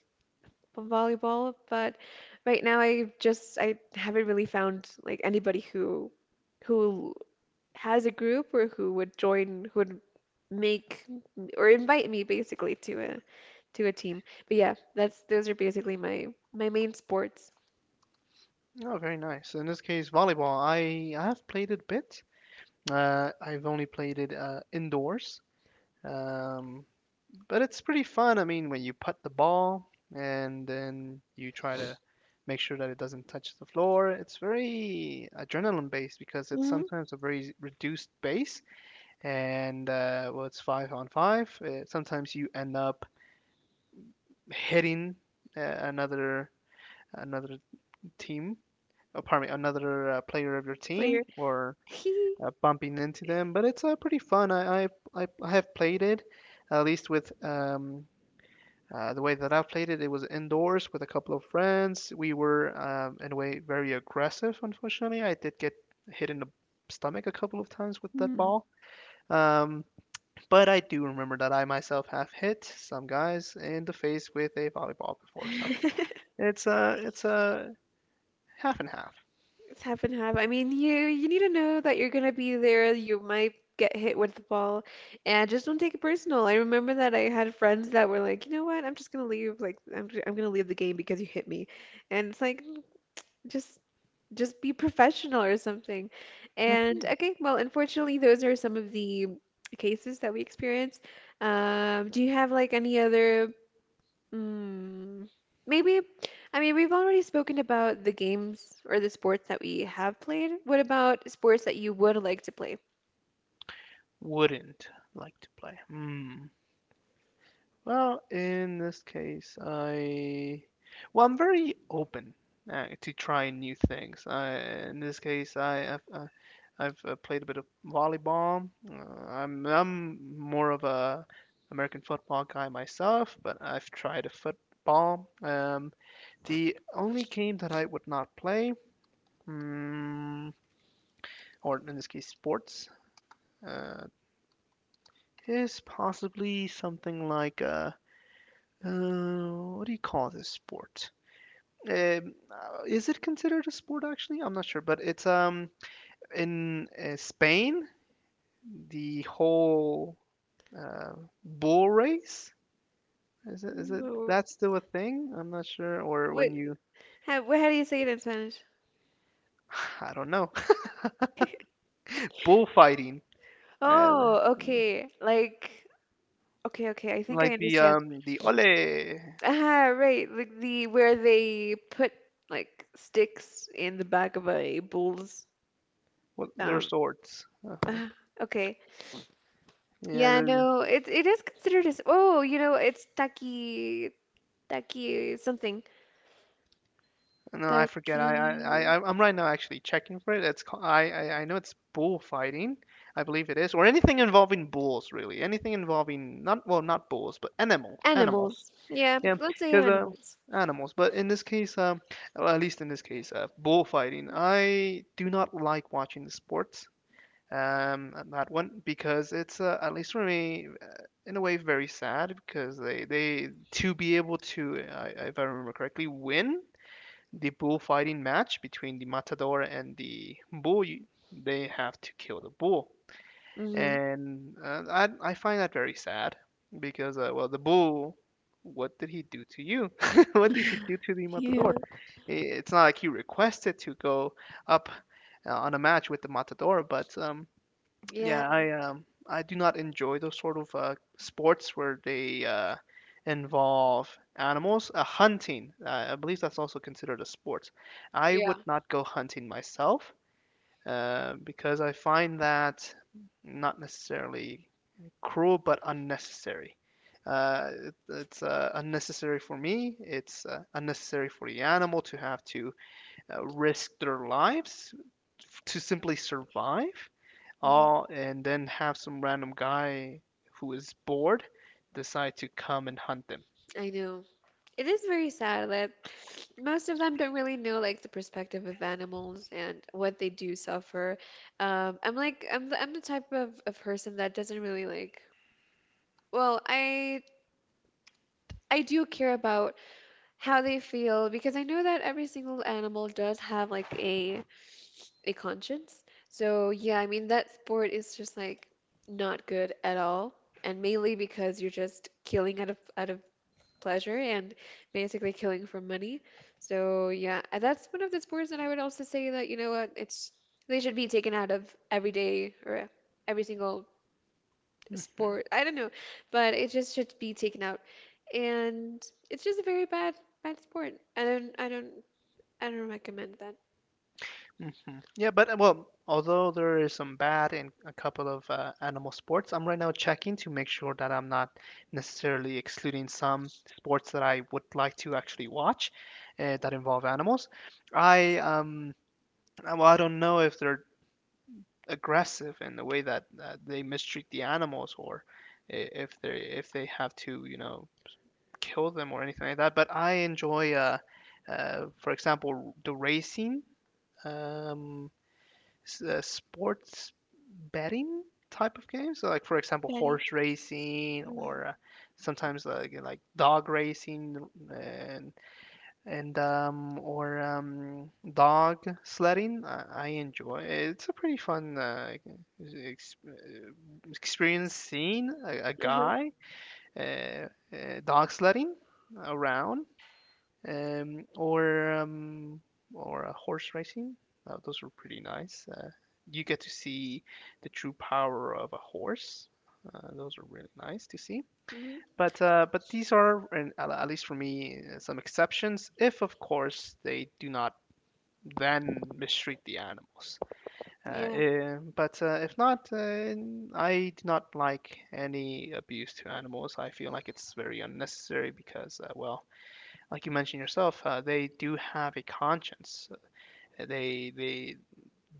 [SPEAKER 1] volleyball. But right now, I just I haven't really found like anybody who has a group or who would join, who would make or invite me basically to a team. But yeah, that's those are basically my my main sports.
[SPEAKER 2] Oh, very nice. In this case, volleyball. I have played it a bit. I've only played it indoors, um, but it's pretty fun. I mean, when you putt the ball and then you try to make sure that it doesn't touch the floor, it's very adrenaline based because it's
[SPEAKER 1] Hmm
[SPEAKER 2] sometimes a very reduced base, and well, it's five on five. Sometimes you end up hitting uh, another another team, oh, pardon me, another player of your team
[SPEAKER 1] Player.
[SPEAKER 2] or
[SPEAKER 1] (laughs)
[SPEAKER 2] bumping into them. But it's pretty fun. I have played it, at least with. The way that I played it, it was indoors with a couple of friends. We were, in a way, very aggressive. Unfortunately, I did get hit in the stomach a couple of times with that
[SPEAKER 1] Mhm.
[SPEAKER 2] ball. Um, but I do remember that I myself have hit some guys in the face with a volleyball before. So
[SPEAKER 1] (laughs)
[SPEAKER 2] it's a half and half.
[SPEAKER 1] It's half and half. I mean, you need to know that you're gonna be there. You might get hit with the ball, and just don't take it personal. I remember that I had friends that were like, you know what? I'm just gonna leave. Like, I'm gonna leave the game because you hit me, and it's like, "Mm, just just be professional or something. And
[SPEAKER 2] hmm
[SPEAKER 1] okay, well, unfortunately, those are some of the cases that we experience. Do you have like any other? Mm, maybe, I mean, we've already spoken about the games or the sports that we have played. What about sports that you would like to play?
[SPEAKER 2] Wouldn't like to play. Hmm. Well, in this case, I'm very open to trying new things. I, in this case, I've played a bit of volleyball. I'm more of a American football guy myself, but I've tried a football. The only game that I would not play, mm, or in this case, sports uh, is possibly something like a uh, what do you call this sport? Is it considered a sport actually? I'm not sure, but it's in Spain the whole uh, bull race. Is it
[SPEAKER 1] Movies?
[SPEAKER 2] that's still a thing? I'm not sure. Or
[SPEAKER 1] What,
[SPEAKER 2] when you
[SPEAKER 1] how, how do you say it in Spanish?
[SPEAKER 2] (sighs) I don't know, (laughs)
[SPEAKER 1] (laughs)
[SPEAKER 2] bullfighting, uh,
[SPEAKER 1] Oh, okay. Like, okay, okay. I think I
[SPEAKER 2] like
[SPEAKER 1] understand.
[SPEAKER 2] the ole,
[SPEAKER 1] Ah, right. Like the where they put like sticks in the back of a bull's.
[SPEAKER 2] what their
[SPEAKER 1] Um.
[SPEAKER 2] swords.
[SPEAKER 1] (sighs) ah, okay. Yeah.
[SPEAKER 2] Yeah,
[SPEAKER 1] No. It is considered as. Oh, you know, it's taki Taki something.
[SPEAKER 2] No, I forget.
[SPEAKER 1] Taki
[SPEAKER 2] I'm right now actually checking for it. It's ca- I know it's bullfighting. I believe it is, or anything involving bulls, really. Anything involving not well, not bulls, but animals, animals.
[SPEAKER 1] animals. Yeah,
[SPEAKER 2] Yeah,
[SPEAKER 1] let's say
[SPEAKER 2] because
[SPEAKER 1] animals.
[SPEAKER 2] animals. But in this case, well, at least in this case, bullfighting. I do not like watching the sports. That one because it's at least for me, in a way, very sad because they, to be able to, I if I remember correctly, win the bullfighting match between the matador and the bull. They have to kill the bull,
[SPEAKER 1] Hmm
[SPEAKER 2] and I find that very sad because well the bull. What did he do to you? (laughs) What did he do to the
[SPEAKER 1] Yeah.
[SPEAKER 2] matador? It's not like he requested to go up on a match with the matador, but
[SPEAKER 1] Yeah,
[SPEAKER 2] yeah, I do not enjoy those sort of sports where they involve animals. Hunting, I believe that's also considered a sport. I
[SPEAKER 1] yeah.
[SPEAKER 2] would not go hunting myself because I find that not necessarily cruel but unnecessary. It's unnecessary for me. It's unnecessary for the animal to have to risk their lives to simply survive
[SPEAKER 1] hmm
[SPEAKER 2] all and then have some random guy who is bored decide to come and hunt them.
[SPEAKER 1] I know. It is very sad that most of them don't really know like the perspective of animals and what they do suffer. I'm like I'm I'm the type of person that doesn't really like. Well, I do care about how they feel because I know that every single animal does have like a conscience. So yeah, I mean that sport is just like not good at all, and mainly because you're just killing out of pleasure and basically killing for money. So yeah, and that's one of the sports that I would also say that you know what, it's they should be taken out of every day or every single
[SPEAKER 2] hmm
[SPEAKER 1] sport. I don't know, but it just should be taken out, and it's just a very bad bad sport. I don't recommend that
[SPEAKER 2] Yeah, but well, although there is some bad in a couple of animal sports, I'm right now checking to make sure that I'm not necessarily excluding some sports that I would like to actually watch that involve animals. I well, I don't know if they're aggressive in the way that they mistreat the animals or i- if they if they have to, you know, kill them or anything like that. But I enjoy, for example, the racing, um, sports betting type of games. So, like for example,
[SPEAKER 1] betting.
[SPEAKER 2] horse racing
[SPEAKER 1] Mm.
[SPEAKER 2] or sometimes like dog racing and or dog sledding. I enjoy. It's a pretty fun ex- uh, experience seeing a guy uh, dog sledding around um, or um, or horse racing. Those were pretty nice. You get to see the true power of a horse. Those are really nice to see.
[SPEAKER 1] hmm
[SPEAKER 2] But these are, at least for me, some exceptions. If of course they do not then mistreat the animals.
[SPEAKER 1] Yeah.
[SPEAKER 2] Eh, but if not, I do not like any abuse to animals. I feel like it's very unnecessary because, well, like you mentioned yourself, they do have a conscience. They they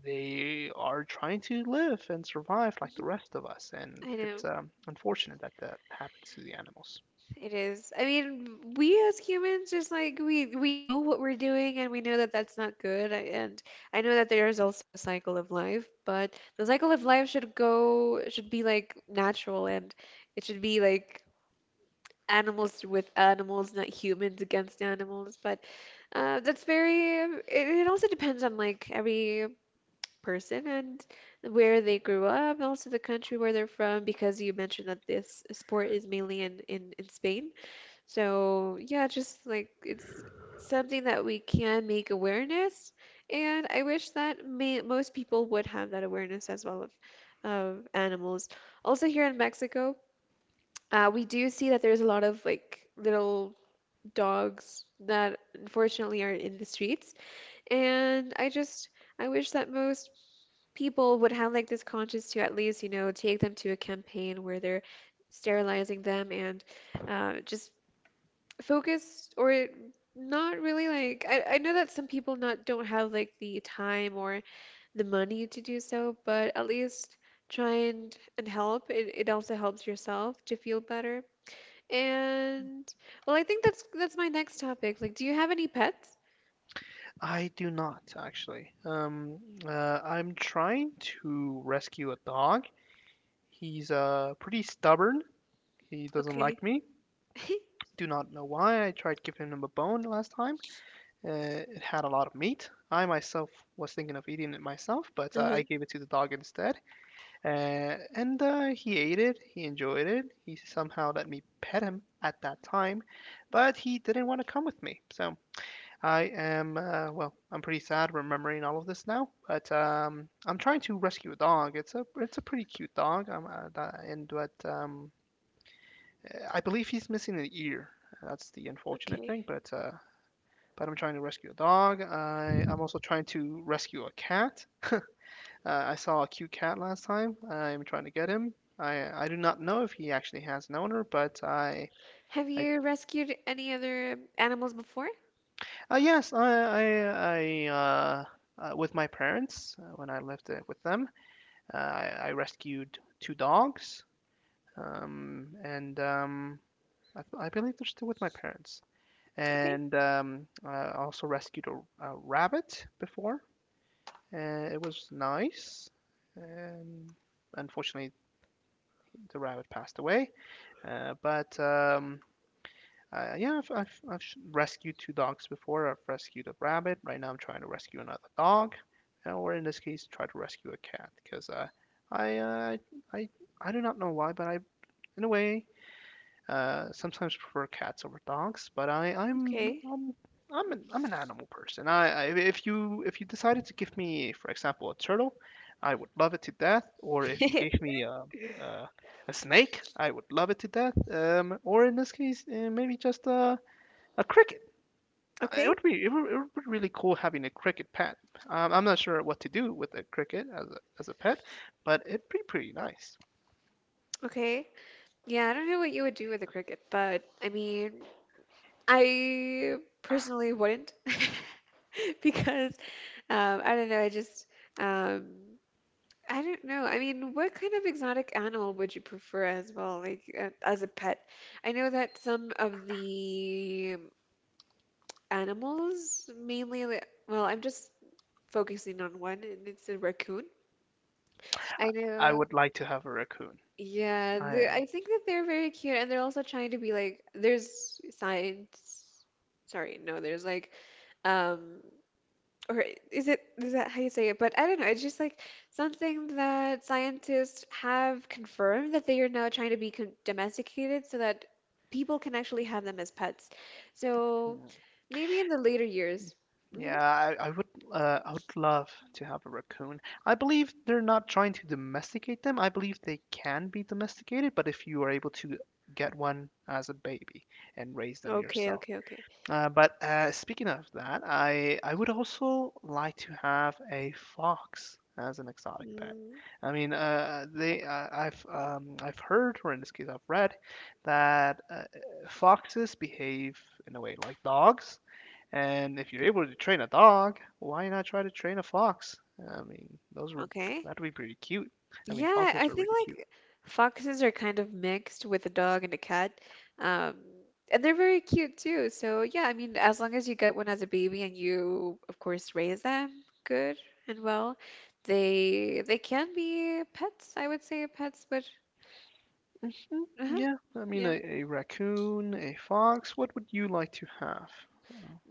[SPEAKER 2] they are trying to live and survive like the
[SPEAKER 1] hmm
[SPEAKER 2] rest of us, and
[SPEAKER 1] I
[SPEAKER 2] it's
[SPEAKER 1] know.
[SPEAKER 2] unfortunate that that happens to the animals.
[SPEAKER 1] It is. I mean, we as humans just like we know what we're doing and we know that that's not good. I- And I know that there is also a cycle of life, but the cycle of life should go should be like natural and it should be like animals with animals, not humans against animals. But that's very it, it also depends on like every person and where they grew up, and also the country where they're from, because you mentioned that this sport is mainly in, in Spain. So, yeah, just like it's something that we can make awareness. And I wish that may, most people would have that awareness as well of animals. Also, here in Mexico, we do see that there's a lot of like little dogs that unfortunately are in the streets. And I just I wish that most people would have like this conscience to at least, take them to a campaign where they're sterilizing them and just focus or not really like I know that some people not don't have like the time or the money to do so, but at least try and help. It also helps yourself to feel better. And well, I think that's my next topic. Like, do you have any pets?
[SPEAKER 2] I do not actually. I'm trying to rescue a dog. He's pretty stubborn. He doesn't
[SPEAKER 1] Okay.
[SPEAKER 2] like me.
[SPEAKER 1] (laughs)
[SPEAKER 2] Do not know why. I tried giving him a bone last time. It had a lot of meat. I myself was thinking of eating it myself, but I
[SPEAKER 1] Uh-huh.
[SPEAKER 2] gave it to the dog instead. And he ate it, he enjoyed it, he somehow let me pet him at that time, but he didn't want to come with me. So I am, well, I'm pretty sad remembering all of this now, but I'm trying to rescue a dog. It's a pretty cute dog, and but I believe he's missing an ear. That's the unfortunate
[SPEAKER 1] Okay.
[SPEAKER 2] thing, but I'm trying to rescue a dog. I, I'm also trying to rescue a cat. (laughs) I saw a cute cat last time. I'm trying to get him. I do not know if he actually has an owner, but I
[SPEAKER 1] Have
[SPEAKER 2] I
[SPEAKER 1] you rescued any other animals before?
[SPEAKER 2] uh, yes I, I with my parents when I lived with them, I rescued two dogs. Um, and um, I believe they're still with my parents.
[SPEAKER 1] Okay,
[SPEAKER 2] And I also rescued a rabbit before. And it was nice. And unfortunately, the rabbit passed away. But yeah, I've rescued two dogs before. I've rescued a rabbit. Right now, I'm trying to rescue another dog, or in this case, try to rescue a cat because I, uh, I I I do not know why, but I in a way sometimes prefer cats over dogs, but I, I'm
[SPEAKER 1] okay.
[SPEAKER 2] um, I'm an animal person. I if you decided to give me, for example, a turtle, I would love it to death. Or if you gave
[SPEAKER 1] (laughs)
[SPEAKER 2] me a, a snake, I would love it to death. Or in this case, maybe just a cricket. It
[SPEAKER 1] Okay,
[SPEAKER 2] would be it would be really cool having a cricket pet. I'm not sure what to do with a cricket as a pet, but it'd be pretty nice.
[SPEAKER 1] okay. Yeah, I don't know what you would do with a cricket, but I mean, I personally wouldn't (laughs) because I don't know. I just um, I don't know. I mean, what kind of exotic animal would you prefer as well, like as a pet? I know that some of the animals, mainly, well, I'm just focusing on one, and it's a raccoon. I
[SPEAKER 2] I
[SPEAKER 1] know.
[SPEAKER 2] would like to have a raccoon.
[SPEAKER 1] Yeah,
[SPEAKER 2] I
[SPEAKER 1] I think that they're very cute, and they're also trying to be like there's science. Sorry, no, there's like, um, or is it is that how you say it? But I don't know. It's just like something that scientists have confirmed that they are now trying to be con domesticated so that people can actually have them as pets. So maybe in the later years. Hmm.
[SPEAKER 2] Yeah, I would love to have a raccoon. I believe they're not trying to domesticate them. I believe they can be domesticated, but if you are able to get one as a baby and raise them
[SPEAKER 1] Okay,
[SPEAKER 2] yourself.
[SPEAKER 1] okay, okay.
[SPEAKER 2] But speaking of that, I would also like to have a fox as an exotic pet.
[SPEAKER 1] Mm,
[SPEAKER 2] I mean, they I've heard, or in this case, I've read that foxes behave in a way like dogs, and if you're able to train a dog, why not try to train a fox? I mean, those were
[SPEAKER 1] okay.
[SPEAKER 2] that'd be pretty cute. I mean,
[SPEAKER 1] Yeah,
[SPEAKER 2] foxes
[SPEAKER 1] I
[SPEAKER 2] are
[SPEAKER 1] think
[SPEAKER 2] really cute.
[SPEAKER 1] like foxes are kind of mixed with a dog and a cat. Um, and they're very cute too. So, yeah, I mean, as long as you get one as a baby and you, of course, raise them good and well, they can be pets, I would say pets, but uh-huh,
[SPEAKER 2] Yeah, I mean,
[SPEAKER 1] yeah.
[SPEAKER 2] a raccoon, a fox. What would you like to have?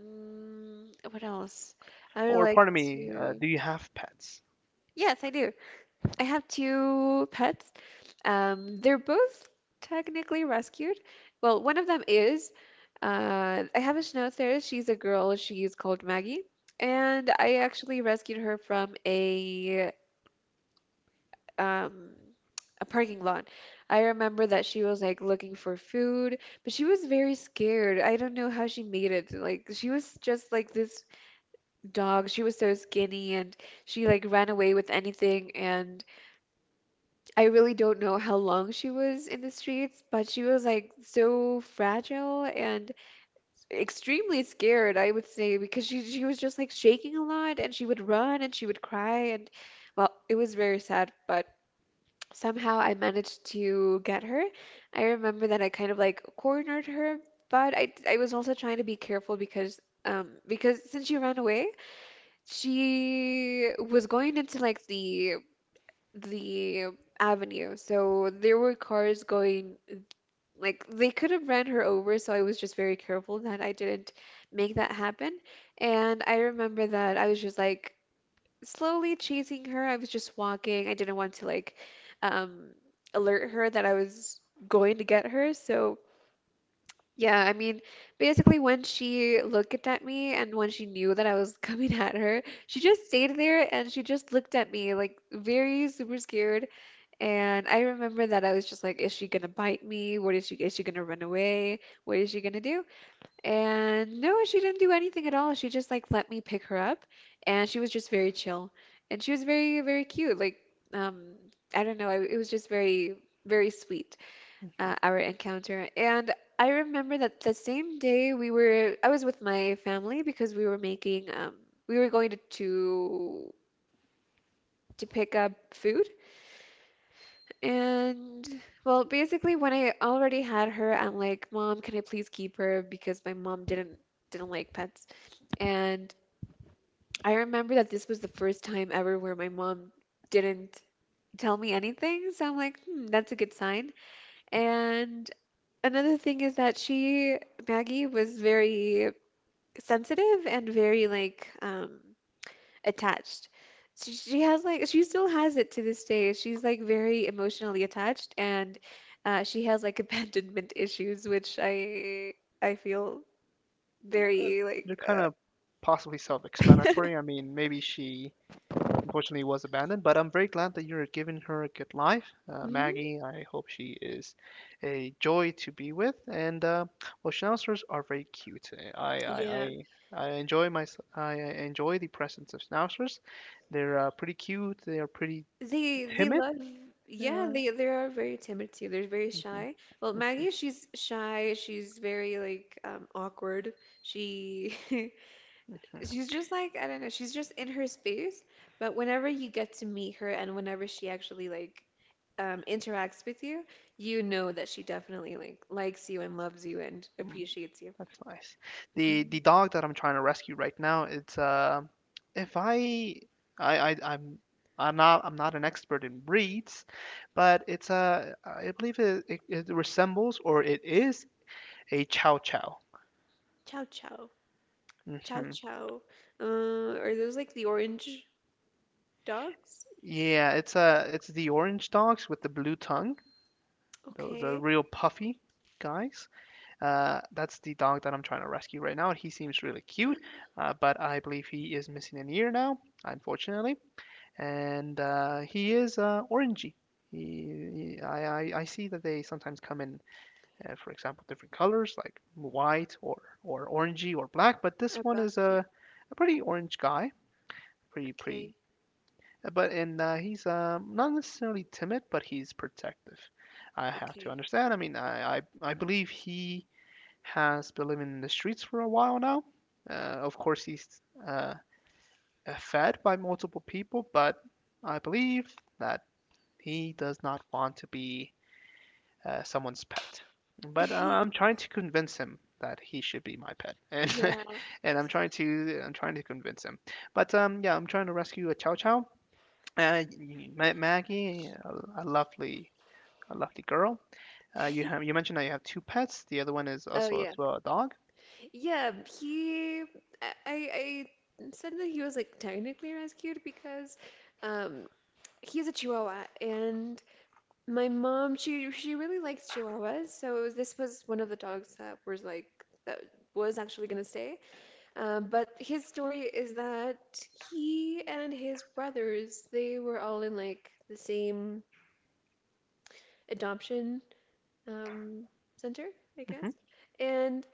[SPEAKER 1] Mm, what else? I would
[SPEAKER 2] Or,
[SPEAKER 1] like
[SPEAKER 2] pardon me,
[SPEAKER 1] to.
[SPEAKER 2] do you have pets?
[SPEAKER 1] Yes, I do. I have two pets. They're both technically rescued. Well, one of them is. I have a schnauzer. She's a girl. She's called Maggie, and I actually rescued her from um, a parking lot. I remember that she was like looking for food, but she was very scared. I don't know how she made it. Like she was just like this dog. She was so skinny, and she like ran away with anything and. I really don't know how long she was in the streets, but she was like so fragile and extremely scared, I would say, because she was just like shaking a lot and she would run and she would cry and well, it was very sad, but somehow I managed to get her. I remember that I kind of like cornered her, but I was also trying to be careful because since she ran away, she was going into like the avenue. So there were cars going, like, they could have ran her over, so I was just very careful that I didn't make that happen. And I remember that I was just like slowly chasing her. I was just walking. I didn't want to, like, um, alert her that I was going to get her. So, yeah, I mean, basically, when she looked at me and when she knew that I was (laughs) coming at her, she just stayed there and she just looked at me, like, very super scared. And I remember that I was just like, is she gonna bite me? What is she gonna run away? What is she gonna do? And no, she didn't do anything at all. She just like let me pick her up and she was just very chill. And she was very, very cute. Like, um, I don't know, I, it was just very, very sweet,
[SPEAKER 2] hmm
[SPEAKER 1] our encounter. And I remember that the same day I was with my family because we were making, we were going to pick up food. And well, basically when I already had her, I'm like, "Mom, can I please keep her?" because my mom didn't like pets. And I remember that this was the first time ever where my mom didn't tell me anything. So I'm like, "Hmm, that's a good sign." And another thing is that Maggie, was very sensitive and very like attached. So she has like she still has it to this day. She's like very emotionally attached and she has like (laughs) abandonment issues, which I feel very
[SPEAKER 2] They're
[SPEAKER 1] like
[SPEAKER 2] kind of possibly
[SPEAKER 1] (laughs)
[SPEAKER 2] self-explanatory. I mean, maybe she Unfortunately, it was abandoned, but I'm very glad that you're giving her a good life,
[SPEAKER 1] mhm.
[SPEAKER 2] Maggie. I hope she is a joy to be with, and well, schnauzers are very cute. I I,
[SPEAKER 1] Yeah.
[SPEAKER 2] I, I enjoy my I enjoy the presence of schnauzers. They're pretty cute. They are pretty
[SPEAKER 1] They
[SPEAKER 2] timid.
[SPEAKER 1] love yeah, they are very timid too. They're very shy. Well,
[SPEAKER 2] Uh,
[SPEAKER 1] Maggie, she's shy. She's very like awkward. She (laughs) she's just like I don't know, she's just in her space, but whenever you get to meet her and whenever she actually like interacts with you, you know that she definitely like likes you and loves you and
[SPEAKER 2] (laughs)
[SPEAKER 1] appreciates you.
[SPEAKER 2] That's nice.
[SPEAKER 1] Mhm.
[SPEAKER 2] The dog that I'm trying to rescue right now, it's if I I I'm not an expert in breeds, but it's I believe it resembles or it is a chow chow.
[SPEAKER 1] Chow chow, chow
[SPEAKER 2] hmm
[SPEAKER 1] chow. Are those like the orange dogs?
[SPEAKER 2] Yeah, it's the orange dogs with the blue tongue, the
[SPEAKER 1] Okay,
[SPEAKER 2] real puffy guys. Uh, that's the dog that I'm trying to rescue right now. He seems really cute,
[SPEAKER 1] (gasps)
[SPEAKER 2] but I believe he is missing an ear now, unfortunately. And he is orangey. He, I see that they sometimes come in, for example, different colors like white or orangey or black, but this
[SPEAKER 1] are
[SPEAKER 2] one
[SPEAKER 1] black,
[SPEAKER 2] is
[SPEAKER 1] yeah.
[SPEAKER 2] a pretty orange guy, pretty pretty.
[SPEAKER 1] Okay,
[SPEAKER 2] But and he's not necessarily timid, but he's protective. I have to
[SPEAKER 1] okay.
[SPEAKER 2] understand. I mean, I believe he has been living in the streets for a while now. Of course, he's uh, fed by multiple people, but I believe that he does not want to be someone's pet. But I am
[SPEAKER 1] (laughs)
[SPEAKER 2] trying to convince him that he should be my pet, and
[SPEAKER 1] Yeah.
[SPEAKER 2] (laughs) and I'm trying to convince him. But yeah, I'm trying to rescue a Chow Chow. Uh, Maggie, a lovely girl. You have you mentioned that you have two pets. The other one is
[SPEAKER 1] Oh
[SPEAKER 2] also as
[SPEAKER 1] yeah,
[SPEAKER 2] well a dog.
[SPEAKER 1] yeah, he. I said that he was like technically rescued because um, he's a Chihuahua, and my mom she really likes Chihuahuas, so this was one of the dogs that was like that was actually gonna stay. But his story is that he and his brothers they were all in like the same adoption um, center, I guess,
[SPEAKER 2] hmm
[SPEAKER 1] and.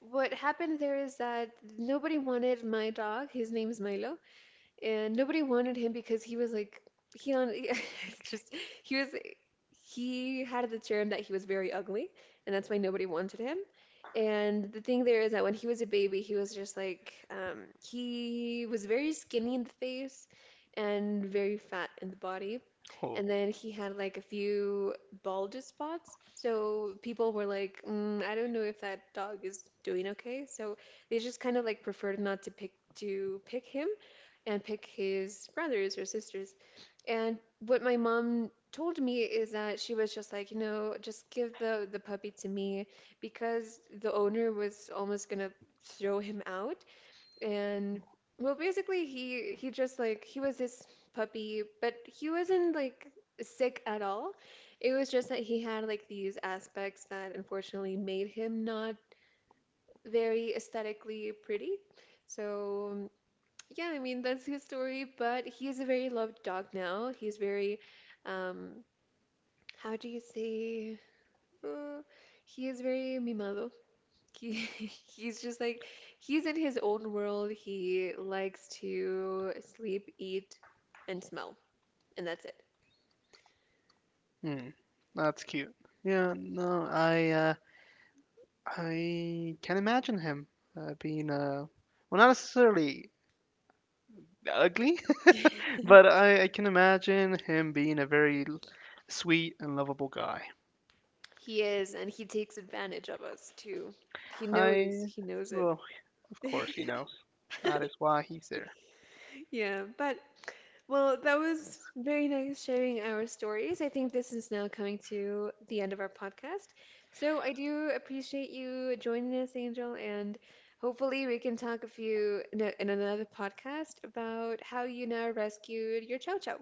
[SPEAKER 1] What happened there is that nobody wanted my dog. His name is Milo, and nobody wanted him because he was like he on (laughs) it's
[SPEAKER 2] Okay.
[SPEAKER 1] just he was he had the term that he was very ugly, and that's why nobody wanted him. And the thing there is that when he was a baby, he was just like he was very skinny in the face and very fat in the body
[SPEAKER 2] Oh,
[SPEAKER 1] and then he had like a few bulge spots. So people were like, mm, I don't know if that dog is doing okay. So they just kind of like preferred not to pick him and pick his brothers or sisters. And what my mom told me is that she was just like, you know, just give the puppy to me because the owner was almost gonna throw him out and well, basically he just like he was this puppy, but he wasn't like sick at all. It was just that he had like these aspects that unfortunately made him not very aesthetically pretty. So yeah, I mean that's his story, but he is a very loved dog now. He's very um how do you say? Uh, he is very mimado. He, (laughs) he's just like he's in his own world. He likes to sleep, eat, and smell, and that's
[SPEAKER 2] Hmm. That's cute. Yeah. No, I can imagine him being a well, not necessarily ugly, (laughs)
[SPEAKER 1] it.
[SPEAKER 2] but
[SPEAKER 1] (laughs)
[SPEAKER 2] I can imagine him being a very sweet and lovable guy.
[SPEAKER 1] He is, and he takes advantage of us too.
[SPEAKER 2] I,
[SPEAKER 1] He knows it.
[SPEAKER 2] well, of course he knows. That is
[SPEAKER 1] (laughs)
[SPEAKER 2] why he's there.
[SPEAKER 1] Yeah, but well, that was very nice sharing our stories. I think this is now coming to the end of our podcast. So I do appreciate you joining us, Angel, and hopefully we can talk a few in another podcast about how you now rescued your Chow Chow.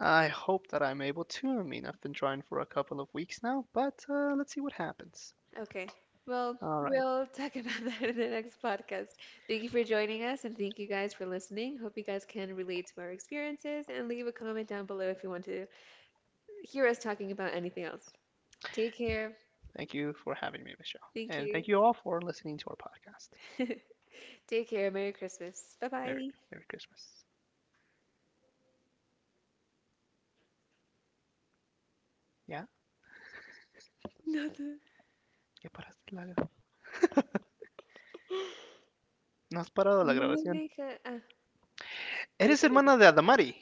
[SPEAKER 2] I hope that I'm able to. I mean, I've been trying for a couple of weeks now, but let's see what happens.
[SPEAKER 1] Okay. Well,
[SPEAKER 2] All right.
[SPEAKER 1] we'll talk about (laughs) that in the next podcast. Thank you for joining us and thank you guys for listening. Hope you guys can relate to our experiences and leave a comment down below if you want to hear us talking about anything else. Take care.
[SPEAKER 2] Thank you for having me, Michelle.
[SPEAKER 1] Thank
[SPEAKER 2] And
[SPEAKER 1] you.
[SPEAKER 2] thank you all for listening to our podcast.
[SPEAKER 1] (laughs) Take care. Merry Christmas. Bye
[SPEAKER 2] Merry,
[SPEAKER 1] bye.
[SPEAKER 2] Merry Christmas. ¿Ya?
[SPEAKER 1] Nada.
[SPEAKER 2] ¿Ya paraste la gra-
[SPEAKER 1] (gasps)
[SPEAKER 2] (laughs) no has parado la
[SPEAKER 1] No me
[SPEAKER 2] grabación.
[SPEAKER 1] deja. Ah,
[SPEAKER 2] Eres
[SPEAKER 1] Marita le
[SPEAKER 2] hermana de
[SPEAKER 1] digo.
[SPEAKER 2] Adamari.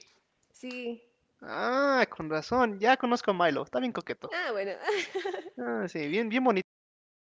[SPEAKER 1] Sí.
[SPEAKER 2] Ah, con razón, ya conozco a Milo, está bien coqueto.
[SPEAKER 1] Ah, bueno. (laughs)
[SPEAKER 2] Ah, sí, bien, bien bonito el,